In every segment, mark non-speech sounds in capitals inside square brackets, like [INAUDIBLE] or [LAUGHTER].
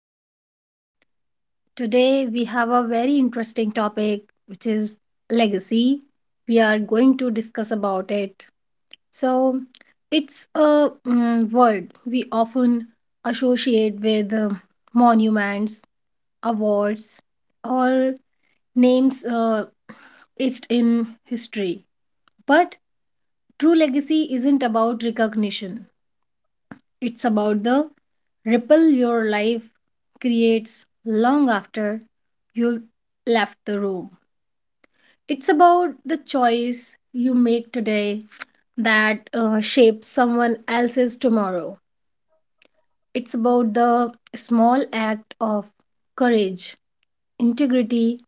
everyone. Today we have a very interesting topic which is legacy. We are going to discuss about it. So, it's a word we often associate with monuments, awards, or names etched in history. But true legacy isn't about recognition. It's about the ripple your life creates long after you left the room. It's about the choice you make today that shapes someone else's tomorrow. It's about the small act of courage, integrity,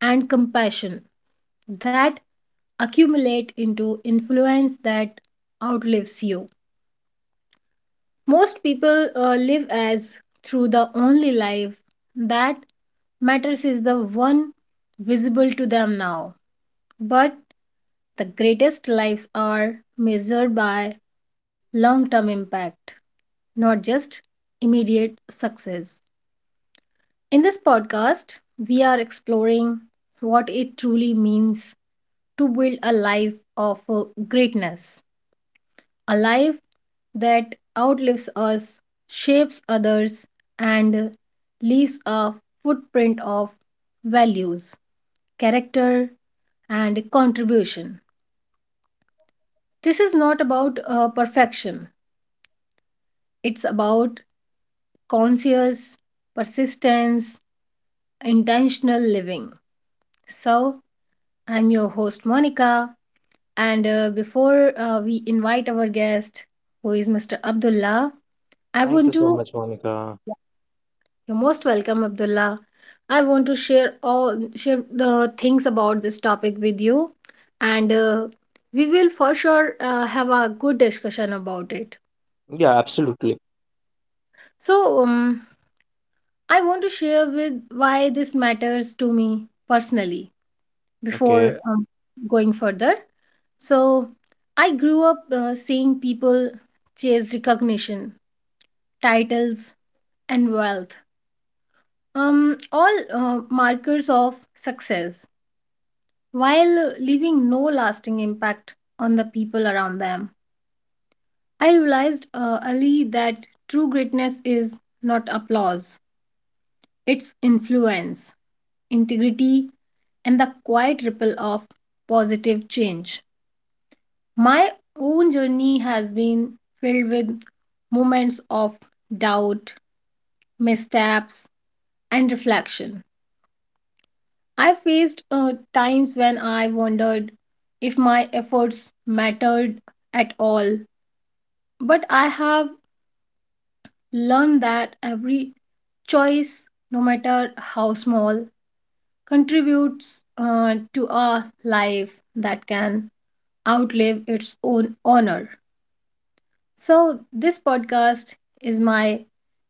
and compassion that accumulate into influence that outlives you. Most people live as through the only life that matters is the one visible to them now. But the greatest lives are measured by long term impact, not just immediate success. In this podcast, we are exploring what it truly means to build a life of greatness, a life that outlives us, shapes others, and leaves a footprint of values, character, and contribution. This is not about perfection, it's about conscious persistence, intentional living. So, I'm your host Monica, and before we invite our guest, who is Mr. Abdullah, I Thank want you so to much, Monica. You're most welcome, Abdullah. I want to share all share the things about this topic with you, and we will for sure have a good discussion about it. Yeah, absolutely. So, I want to share with why this matters to me personally Okay. before going further. So, I grew up seeing people chase recognition, titles, and wealth. All markers of success while leaving no lasting impact on the people around them. I realized early that true greatness is not applause, it's influence, integrity, and the quiet ripple of positive change. My own journey has been filled with moments of doubt, missteps, and reflection. I faced times when I wondered if my efforts mattered at all. But I have learned that every choice, no matter how small, contributes to a life that can outlive its own honor. So, this podcast is my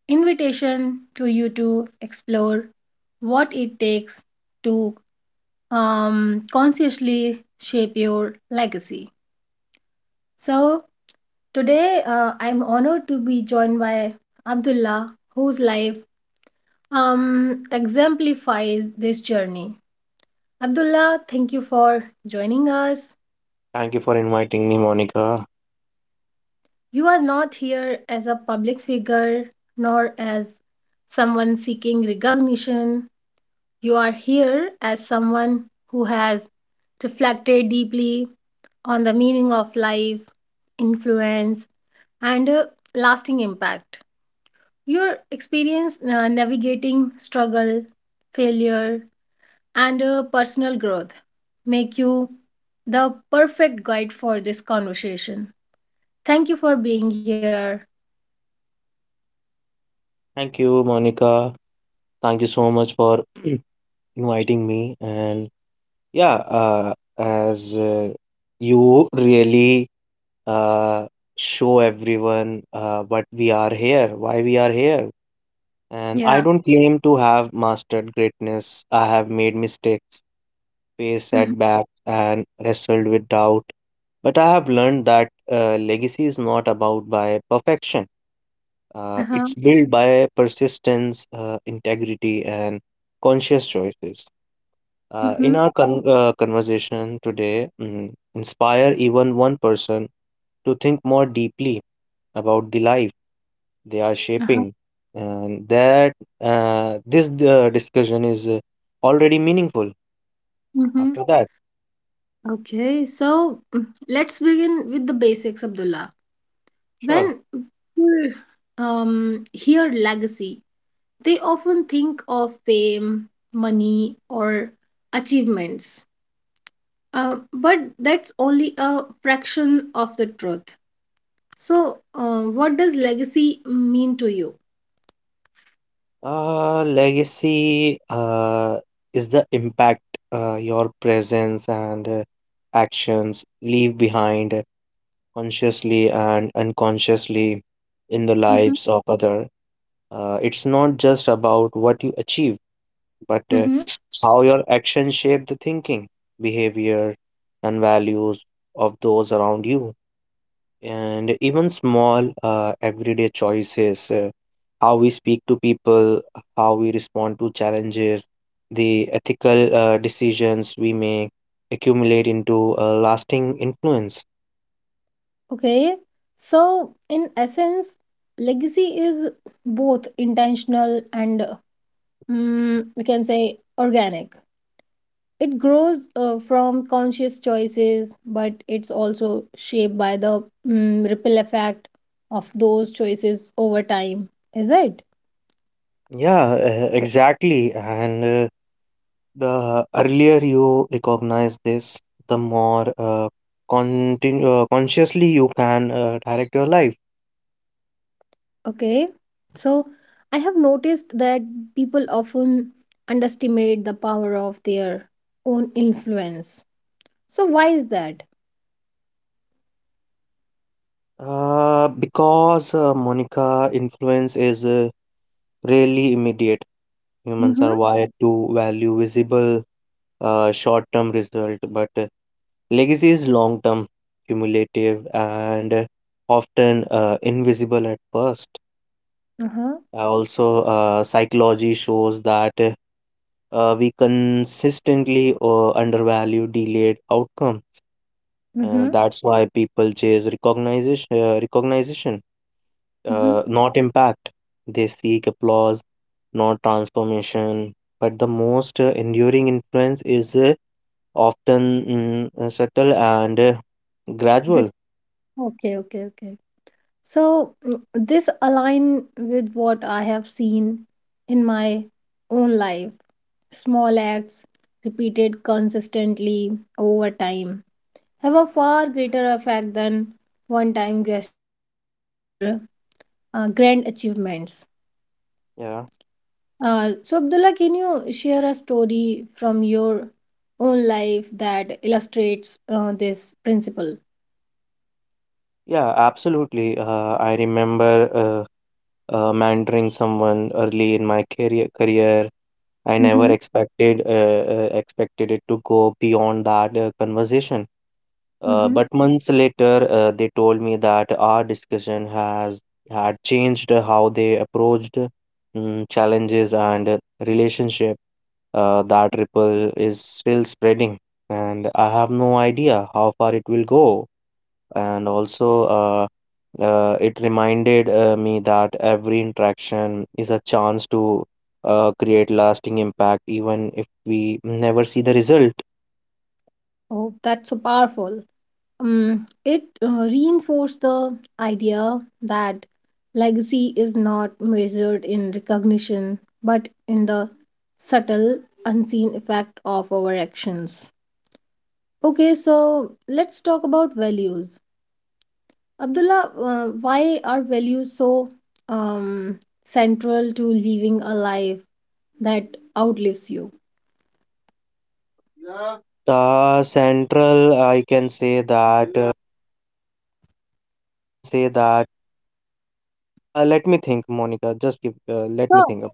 invitation to you to explore what it takes to consciously shape your legacy. So, today I'm honored to be joined by Abdullah, whose life exemplifies this journey. Abdullah, thank you for joining us. Thank you for inviting me, Monica. You are not here as a public figure nor as someone seeking recognition. You are here as someone who has reflected deeply on the meaning of life, influence, and lasting impact. Your experience navigating struggle, failure, and personal growth make you the perfect guide for this conversation. Thank you for being here. Thank you, Monica. Thank you so much for [CLEARS THROAT] inviting me. And yeah, as you really uh, show everyone what we are here, why we are here. And I Yeah. don't claim to have mastered greatness. I have made mistakes, faced Mm-hmm. setbacks, and wrestled with doubt. But I have learned that legacy is not about by perfection. Uh-huh. It's built by persistence, integrity, and conscious choices. Uh, Mm-hmm. in our con- uh, conversation today, inspire even one person to think more deeply about the life they are Uh-huh. shaping, and that this discussion is already meaningful Mm-hmm. after that. Okay. So let's begin with the basics, Abdullah. Sure. When people hear legacy, they often think of fame, money, or achievements. But that's only a fraction of the truth. So, what does legacy mean to you? Legacy is the impact your presence and actions leave behind consciously and unconsciously in the Mm-hmm. lives of other. It's not just about what you achieve, but Mm-hmm. how your actions shape the thinking, behavior, and values of those around you. And even small everyday choices, how we speak to people, how we respond to challenges, the ethical decisions we make accumulate into a lasting influence. Okay. So, in essence, legacy is both intentional and we can say organic. It grows from conscious choices, but it's also shaped by the ripple effect of those choices over time. Is it? Yeah, exactly. And the earlier you recognize this, the more consciously you can direct your life. Okay, so I have noticed that people often underestimate the power of their own influence. So why is that? Because Monica, influence is really immediate. Humans are Mm-hmm. wired to value visible short-term result, but legacy is long-term, cumulative, and often invisible at first. Uh-huh. Also, psychology shows that we consistently undervalue delayed outcomes. Mm-hmm. That's why people chase recognition. Uh, recognition. Mm-hmm. uh, not impact. They seek applause, not transformation. But the most enduring influence is often subtle and Good. gradual. Okay, okay, okay. So this align with what I have seen in my own life. Small acts repeated consistently over time have a far greater effect than one-time gesture or grand achievements. Yeah, So, Abdullah, can you share a story from your own life that illustrates this principle? yeah, absolutely. I remember mentoring someone early in my career. I never Mm-hmm. expected it to go beyond that conversation. Mm-hmm. But months later, they told me that our discussion has had changed how they approached challenges and relationship. That ripple is still spreading, and I have no idea how far it will go. And also, uh, it reminded me that every interaction is a chance to create lasting impact, even if we never see the result. Oh, that's so powerful. It reinforced the idea that legacy is not measured in recognition, but in the subtle, unseen effect of our actions. Okay, so let's talk about values. Abdullah, why are values so um, central to living a life that outlives you? Central, I can say that. Let me think, Monica. Just give. Let me So, think.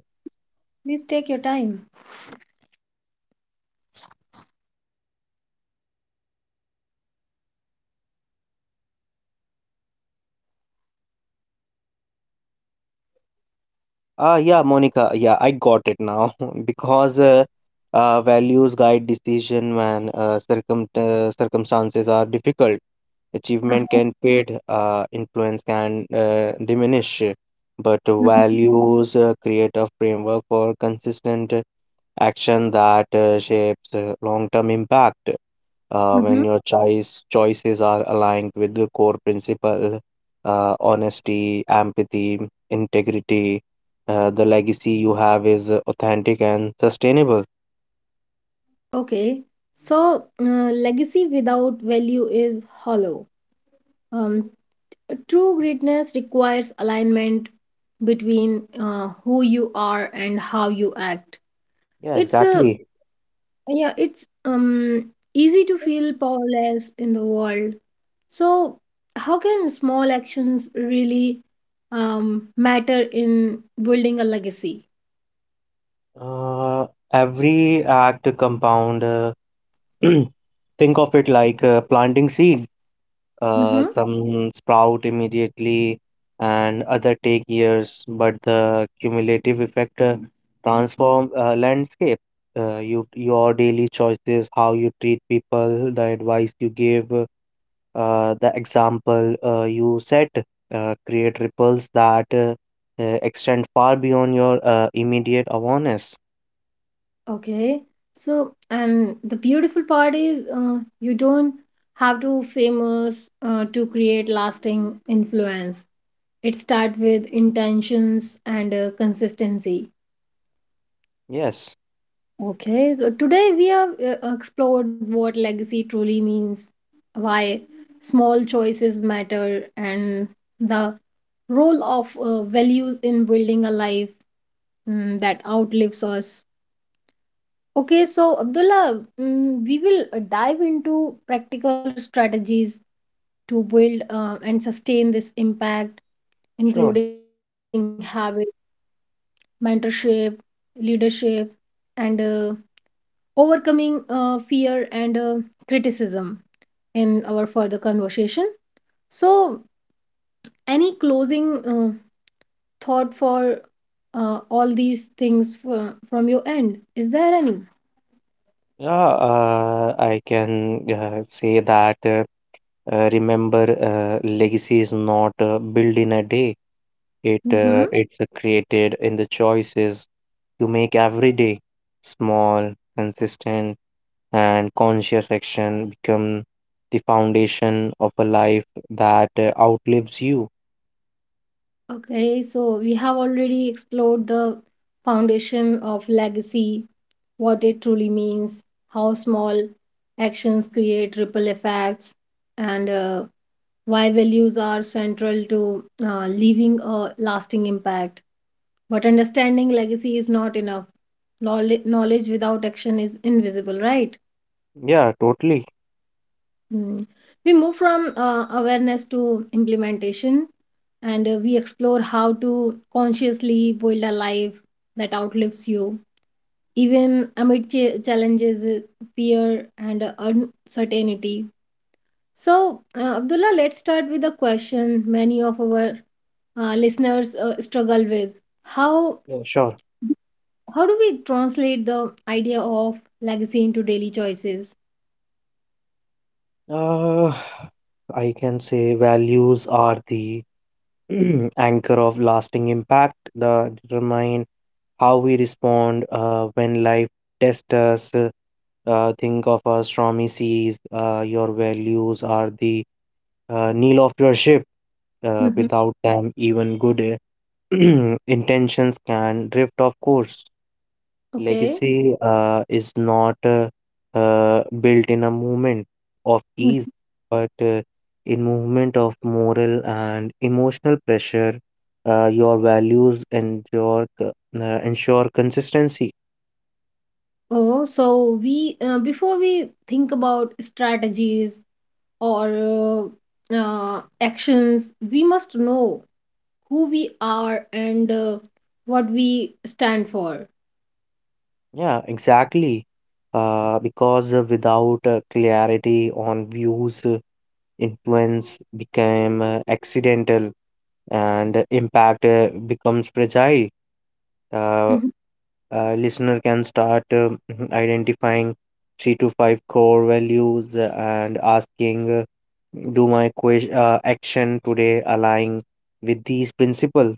please take your time. Ah, yeah, Monica. Yeah, I got it now. [LAUGHS] Because values guide decision when circumstances are difficult. Achievement can fade. Influence can diminish. But values create a framework for consistent action that shapes long-term impact Mm-hmm. when your choices are aligned with the core principle: honesty, empathy, integrity. The legacy you have is authentic and sustainable. Okay, so legacy without value is hollow. Um, true greatness requires alignment between who you are and how you act. Yeah, It's a exactly. yeah, it's easy to feel powerless in the world, so how can small actions really matter in building a legacy? uh, every act compound. [CLEARS THROAT] Think of it like planting seed. Mm-hmm. Some sprout immediately, and other take years, but the cumulative effect transform landscape. You, your daily choices, how you treat people, the advice you give, the example you set, create ripples that extend far beyond your immediate awareness. Okay, so and the beautiful part is you don't have to famous to create lasting influence. It start with intentions and consistency. Yes, Okay, so today we have explored what legacy truly means, why small choices matter, and the role of values in building a life, that outlives us. Okay, so Abdullah, we will dive into practical strategies to build and sustain this impact, sure. including habit, mentorship, leadership, and overcoming fear and criticism, in our further conversation. So, any closing thought for all these things from your end? Is there any? Yeah, I can say that. Remember, legacy is not built in a day. It Mm-hmm. uh, it's uh, created in the choices you make every day. Small, consistent, and conscious action become the foundation of a life that outlives you. Okay, so we have already explored the foundation of legacy, what it truly means, how small actions create ripple effects, and why values are central to leaving a lasting impact. But understanding legacy is not enough. Knowledge without action is invisible, right? Yeah, totally. Mm. We move from awareness to implementation, and we explore how to consciously build a life that outlives you, even amid challenges, fear, and uncertainty. So, Abdullah, let's start with a question many of our listeners struggle with. How Yeah, sure. how do we translate the idea of legacy into daily choices? Uh, I can say values are the [CLEARS THROAT] anchor of lasting impact that determine how we respond when life tests us. Think of us from ECs. Your values are the keel of your ship. Hmm. Without them, even good uh, [CLEARS THROAT] intentions can drift off course. Okay. Legacy is not built in a movement of ease, Mhm. but in movement of moral and emotional pressure. Your values and ensure consistency. Oh, so we before we think about strategies or actions, we must know who we are and what we stand for. Yeah, exactly. Because without clarity on views, influence became accidental and impact becomes fragile. Uh, Hmm. Listener can start [CLEARS THROAT] identifying three to five core values and asking, do my action today align with these principles?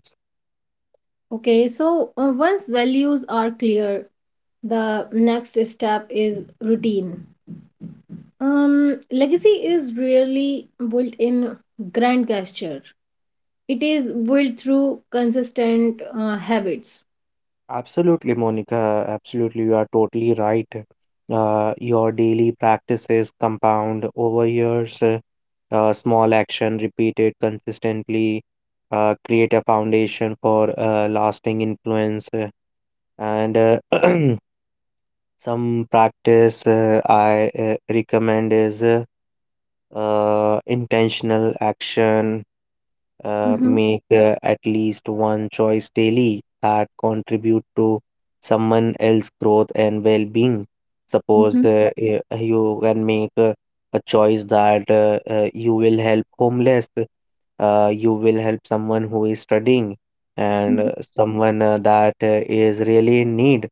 Okay, so once values are clear, the next step is routine. Legacy is really built in grand gesture. It is built through consistent habits. Absolutely, Monica, absolutely. You are totally right. Your daily practices compound over years. Small action repeated consistently create a foundation for lasting influence. And [CLEARS THROAT] some practice I recommend is intentional action. Mm-hmm. Make at least one choice daily that contribute to someone else's growth and well-being. Mm-hmm. Suppose you can make a choice that you will help homeless, you will help someone who is studying, and Mm-hmm. Someone that is really in need,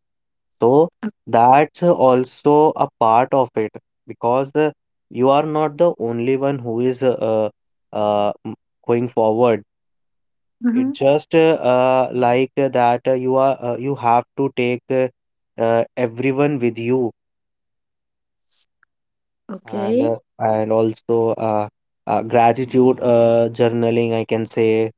so that's also a part of it. Because you are not the only one who is uh, m- going forward. Mm-hmm. It just like that you have to take everyone with you. and Okay. uh, and also gratitude journaling, I can say,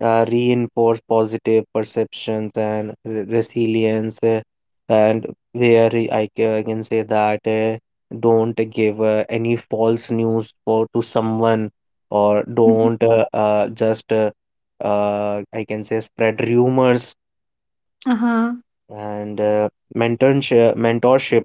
reinforce positive perceptions and resilience. And where I can say that, don't give any false news for to someone, or Mm-hmm. don't just I can say spread rumors. Uh-huh. And mentorship,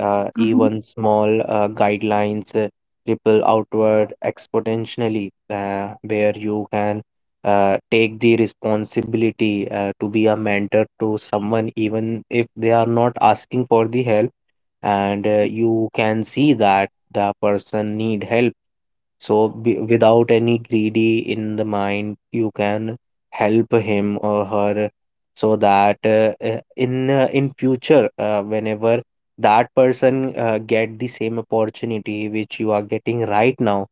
Mm-hmm. even small guidelines ripple outward exponentially, where you can take the responsibility to be a mentor to someone, even if they are not asking for the help. And you can see that the person need help. So, be, without any greedy in the mind, you can help him or her, so that in future, whenever that person get the same opportunity which you are getting right now,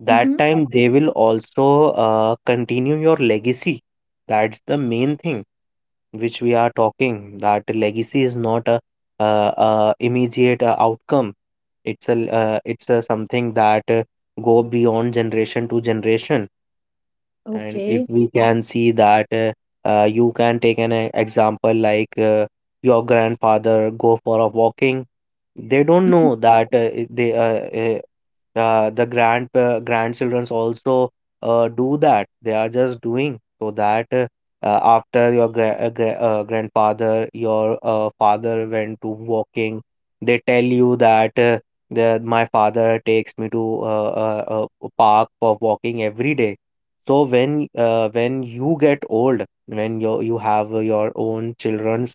that Mm-hmm. time they will also continue your legacy. That's the main thing which we are talking. That legacy is not a, immediate outcome. It's a uh, it's a something that go beyond generation to generation. And if Okay. we can see that, you can take an example, like your grandfather go for a walking. They don't Mhm. know that they the grandchildrens also do that. They are just doing so that after your grandfather, your father went to walking, they tell you that, my father takes me to park for walking every day. So when you get old, when you have your own children,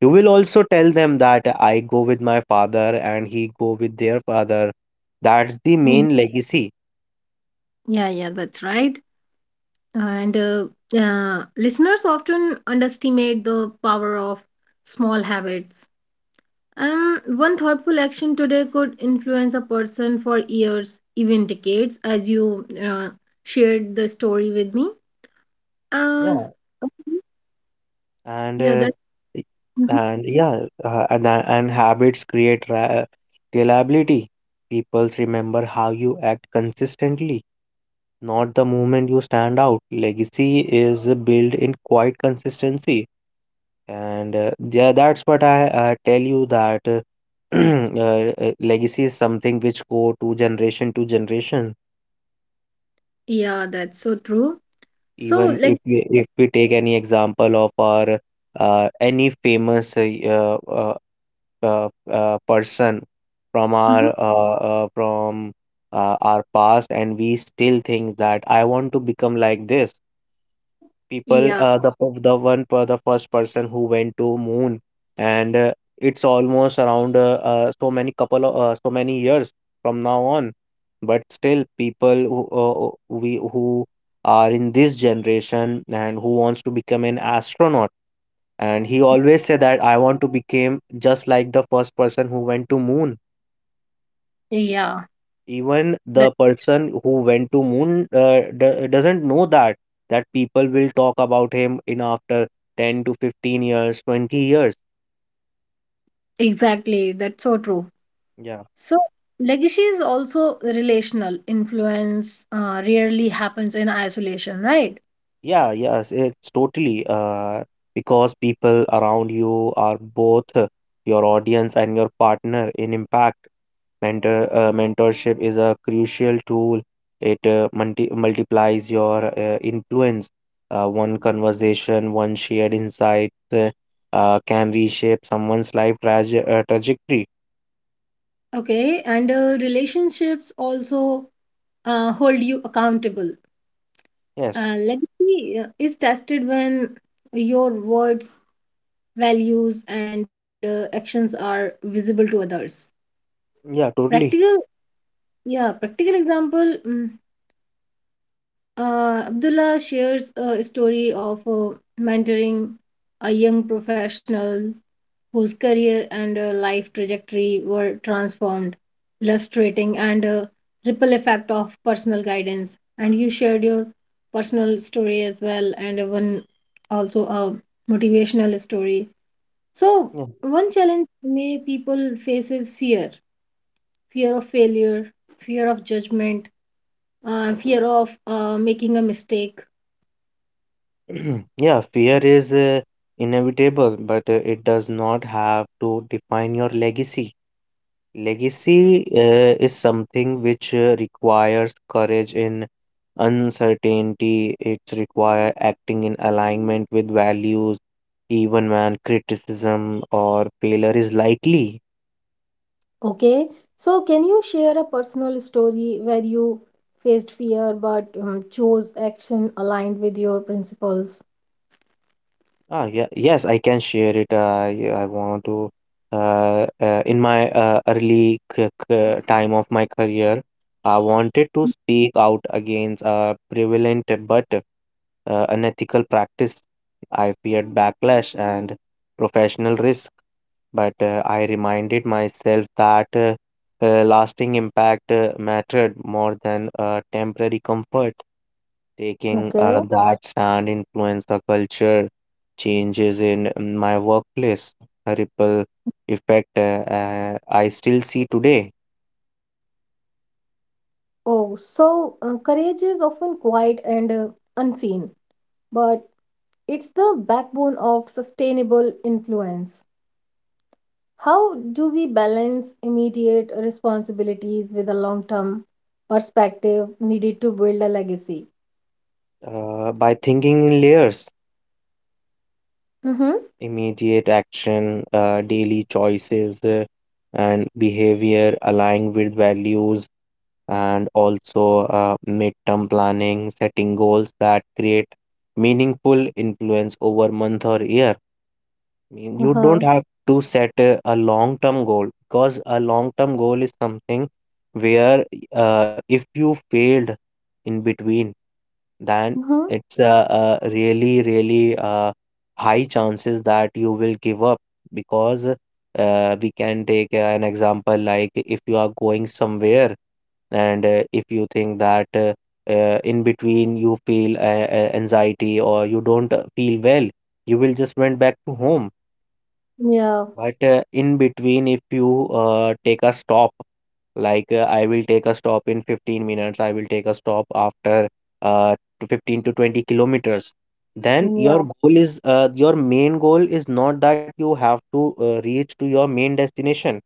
you will also tell them that I go with my father and he go with their father. That's the Ye- main legacy. Yeah, yeah, that's right. And listeners often underestimate the power of small habits. One thoughtful action today could influence a person for years, even decades, as you shared the story with me. Uh, Yeah, Okay. and Yeah, uh, that. y- and yeah, and habits create reliability. People remember how you act consistently, not the moment you stand out. Legacy is built in quite consistency. And yeah, that's what I tell you that [CLEARS THROAT] legacy is something which go to generation to generation. Yeah, that's so true. So, Even if like, we if we take any example of our any famous uh, person from hmm, our past. And we still think that I want to become like this people, yeah, the p- the one per the first person who went to moon. And it's almost around so many couple of so many years from now on. But still, people who we who are in this generation and who wants to become an astronaut, and he always said that I want to become just like the first person who went to moon. yeah, Even that, the person who went to moon doesn't know that, that people will talk about him in after 10 to 15 years, 20 years. exactly, that's so true. Yeah. So, legacy is also relational. Influence rarely happens in isolation, right? Yeah, yes, it's totally because people around you are both your audience and your partner in impact. Mentorship is a crucial tool. It multiplies your influence. One conversation, one shared insight can reshape someone's life trajectory. Okay, and relationships also hold you accountable. Yes. Legacy is tested when your words, values, and actions are visible to others. Yeah, totally. Practical, yeah, practical example. Abdullah shares a story of mentoring a young professional whose career and life trajectory were transformed, illustrating and ripple effect of personal guidance. And you shared your personal story as well, and one also a motivational story. So, Yeah. one challenge may people face is fear, fear of failure, fear of judgment, fear of making a mistake. [CLEARS THROAT] Yeah, fear is inevitable, but it does not have to define your legacy. Legacy is something which requires courage in uncertainty. It's require acting in alignment with values, even when criticism or failure is likely. Okay, so can you share a personal story where you faced fear but chose action aligned with your principles? Ah, yeah, yes, I can share it. I want to, in my early c c time of my career. I wanted to speak out against a prevalent but unethical practice. I feared backlash and professional risk, but I reminded myself that lasting impact mattered more than temporary comfort. Taking Okay. that stand influenced the culture changes in my workplace, a ripple effect I still see today. Oh, so courage is often quiet and unseen, but it's the backbone of sustainable influence. How do we balance immediate responsibilities with a long-term perspective needed to build a legacy? By thinking in layers, Mm-hmm. immediate action, daily choices, and behavior aligned with values, and also midterm planning, setting goals that create meaningful influence over month or year. Mean, you don't Uh-huh. have to set a long-term goal because a long-term goal is something where if you failed in between, then Mm-hmm. it's a really high chances that you will give up because we can take an example like if you are going somewhere and if you think that in between you feel anxiety or you don't feel well, you will just went back to home Yeah. but in between, if you take a stop, like I will take a stop in 15 minutes, I will take a stop after to 15 to 20 kilometers, then your Yeah. goal is your main goal is not that you have to reach to your main destination.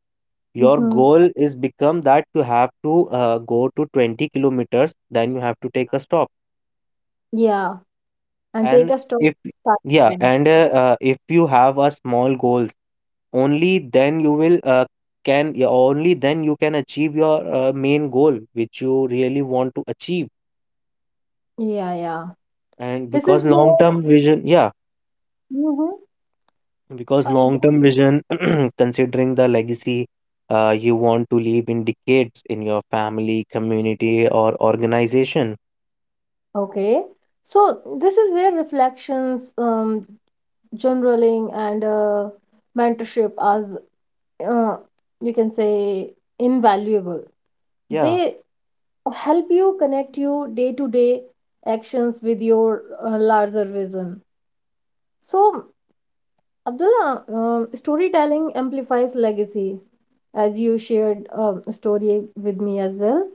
Your Mm-hmm. goal is become that you have to go to 20 kilometers, then you have to take a stop. Yeah, and take And a stop if to start Yeah, again. and if you have a small goals. Only then you will can yeah, only then you can achieve your main goal which you really want to achieve. Yeah, yeah, And this because is long where term vision, Yeah, Mhm. because I d- long term vision, [CLEARS THROAT] considering the legacy you want to leave in decades in your family, community, or organization. okay, so this is where reflections, journaling, and mentorship as uh, you can say invaluable. Yeah. They help you connect your day to day actions with your larger vision. So, Abdullah, storytelling amplifies legacy, as you shared a story with me as well,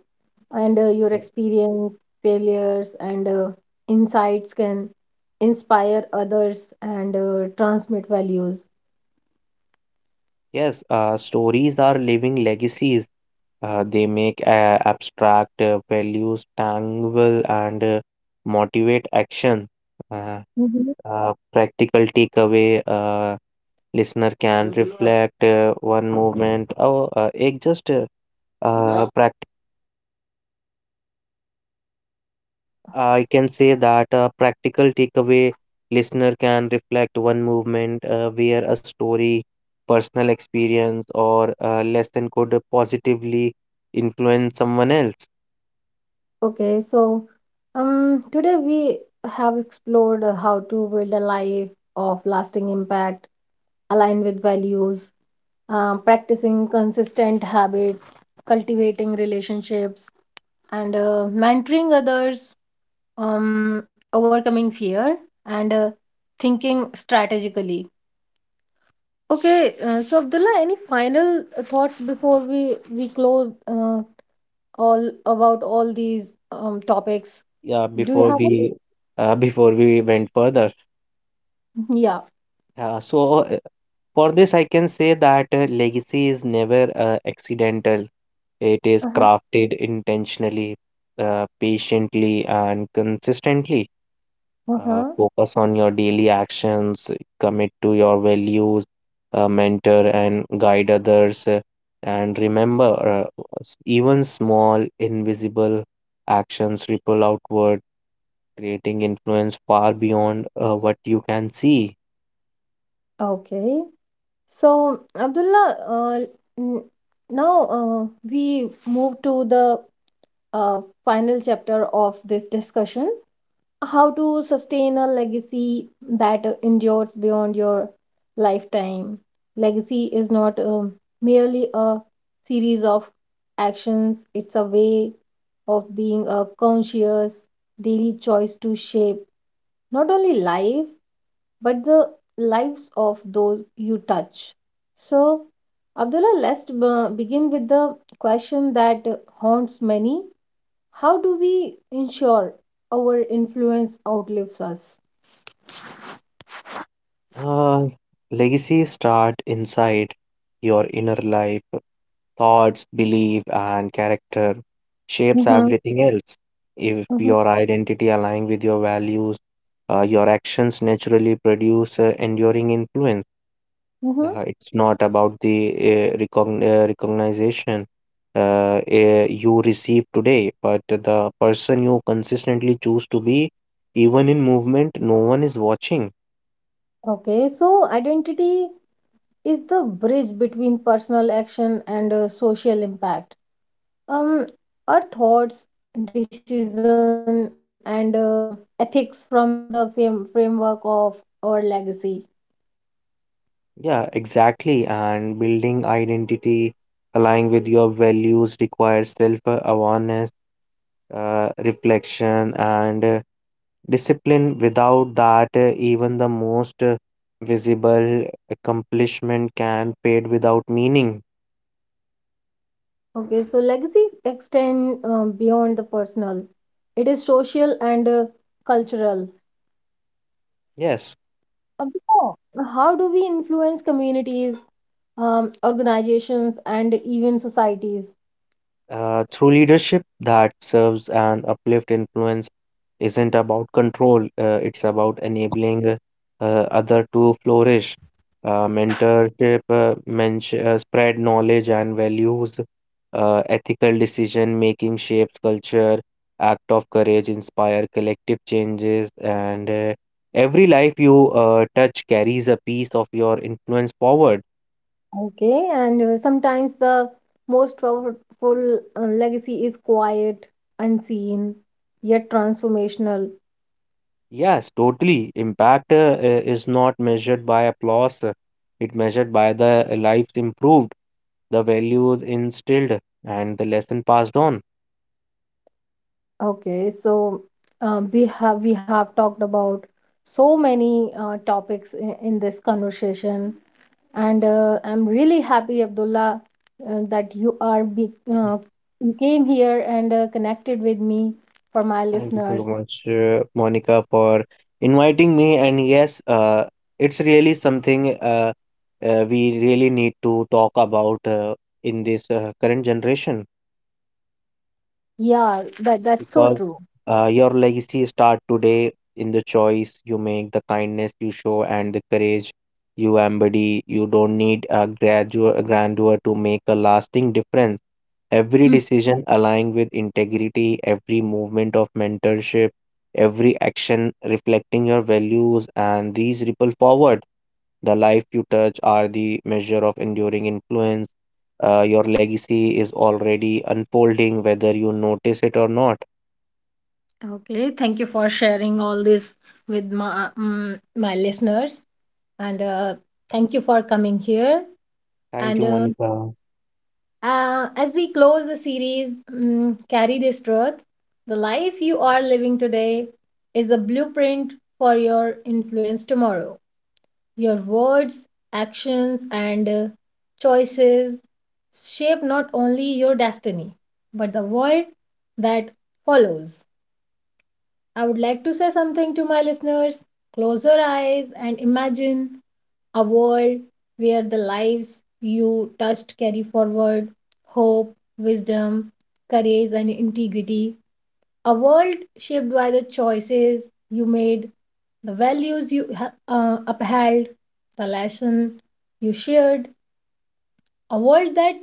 and your experience, failures, and insights can inspire others and transmit values. Yes, stories are living legacies. They make abstract values tangible and motivate action. Uh, Hmm. Practical takeaway listener can reflect one movement oh it just prac- I can say that a practical takeaway listener can reflect one movement where a story personal experience or a lesson could positively influence someone else. Okay, so today we have explored how to build a life of lasting impact, aligned with values, practicing consistent habits, cultivating relationships, and mentoring others, overcoming fear, and thinking strategically. Okay, so Abdullah, any final thoughts before we close all about all these topics? yeah Do you before have any? we Before we went further, [LAUGHS] Yeah. yeah so uh, for this, I can say that legacy is never accidental. It is Uh-huh. crafted intentionally, patiently, and consistently. Uh-huh. Focus on your daily actions, commit to your values, mentor and guide others, and remember even small, invisible actions ripple outward, creating influence far beyond what you can see. Okay. So Abdullah, n- now we move to the final chapter of this discussion, how to sustain a legacy that endures beyond your lifetime. Legacy is not merely a series of actions, it's a way of being, a conscious daily choice to shape not only life but the lives of those you touch. So, Abdullah, let's begin with the question that haunts many. How do we ensure our influence outlives us? Uh, Legacy start inside your inner life. Thoughts, belief, and character shapes Mhm, everything else. If mhm, your identity aligns with your values, your actions naturally produce enduring influence. mhm. It's not about the recognition uh, you receive today, but the person you consistently choose to be, even in movement, no one is watching. Okay, so identity is the bridge between personal action and social impact. Um, our thoughts, decision, and ethics from the framework of our legacy. Yeah, exactly. And building identity, aligning with your values requires self-awareness, reflection, and discipline. Without that, even the most visible accomplishment can fade without meaning. Okay, so legacy extend beyond the personal. It is social and cultural. Yes, Um, so how do we influence communities, organizations, and even societies? Through leadership that serves and uplift influence isn't about control, it's about enabling other to flourish. Mentorship spread knowledge and values. Ethical decision making shapes culture. Act of courage inspire collective changes, and every life you touch carries a piece of your influence forward. Okay, and sometimes the most powerful legacy is quiet, unseen, yet transformational. Yes, totally. Impact is not measured by applause; it measured by the lives improved the values instilled, and the lesson passed on. Okay, so we have talked about so many topics in this conversation, and I'm really happy, Abdullah, that you came here and connected with me for my Thank you so listeners. much, Monica, for inviting me. And yes, it's really something we really need to talk about in this current generation. Yeah, that, that's so Because true. Your legacy start today in the choice you make, the kindness you show, and the courage you embody. You don't need a graduate grandeur to make a lasting difference. Every decision aligned with integrity, every movement of mentorship, every action reflecting your values, and these ripple forward. The life you touch are the measure of enduring influence. Your legacy is already unfolding, whether you notice it or not. Okay, thank you for sharing all this with my my listeners, and thank you for coming here. Thank And you, Monica. As we close the series, carry this truth: the life you are living today is a blueprint for your influence tomorrow. Your words, actions, and choices shape not only your destiny but the world that follows. I would like to say something to my listeners. Close your eyes and imagine a world where the lives you touched carry forward hope, wisdom, courage, and integrity. A world shaped by the choices you made, the values you upheld, the lesson you shared. A world that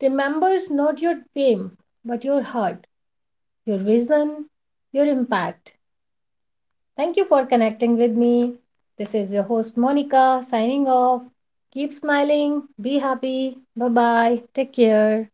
remembers not your fame, but your heart, your vision, your impact. Thank you for connecting with me. This is your host, Monica, signing off. Keep smiling, be happy. Bye bye. Take care.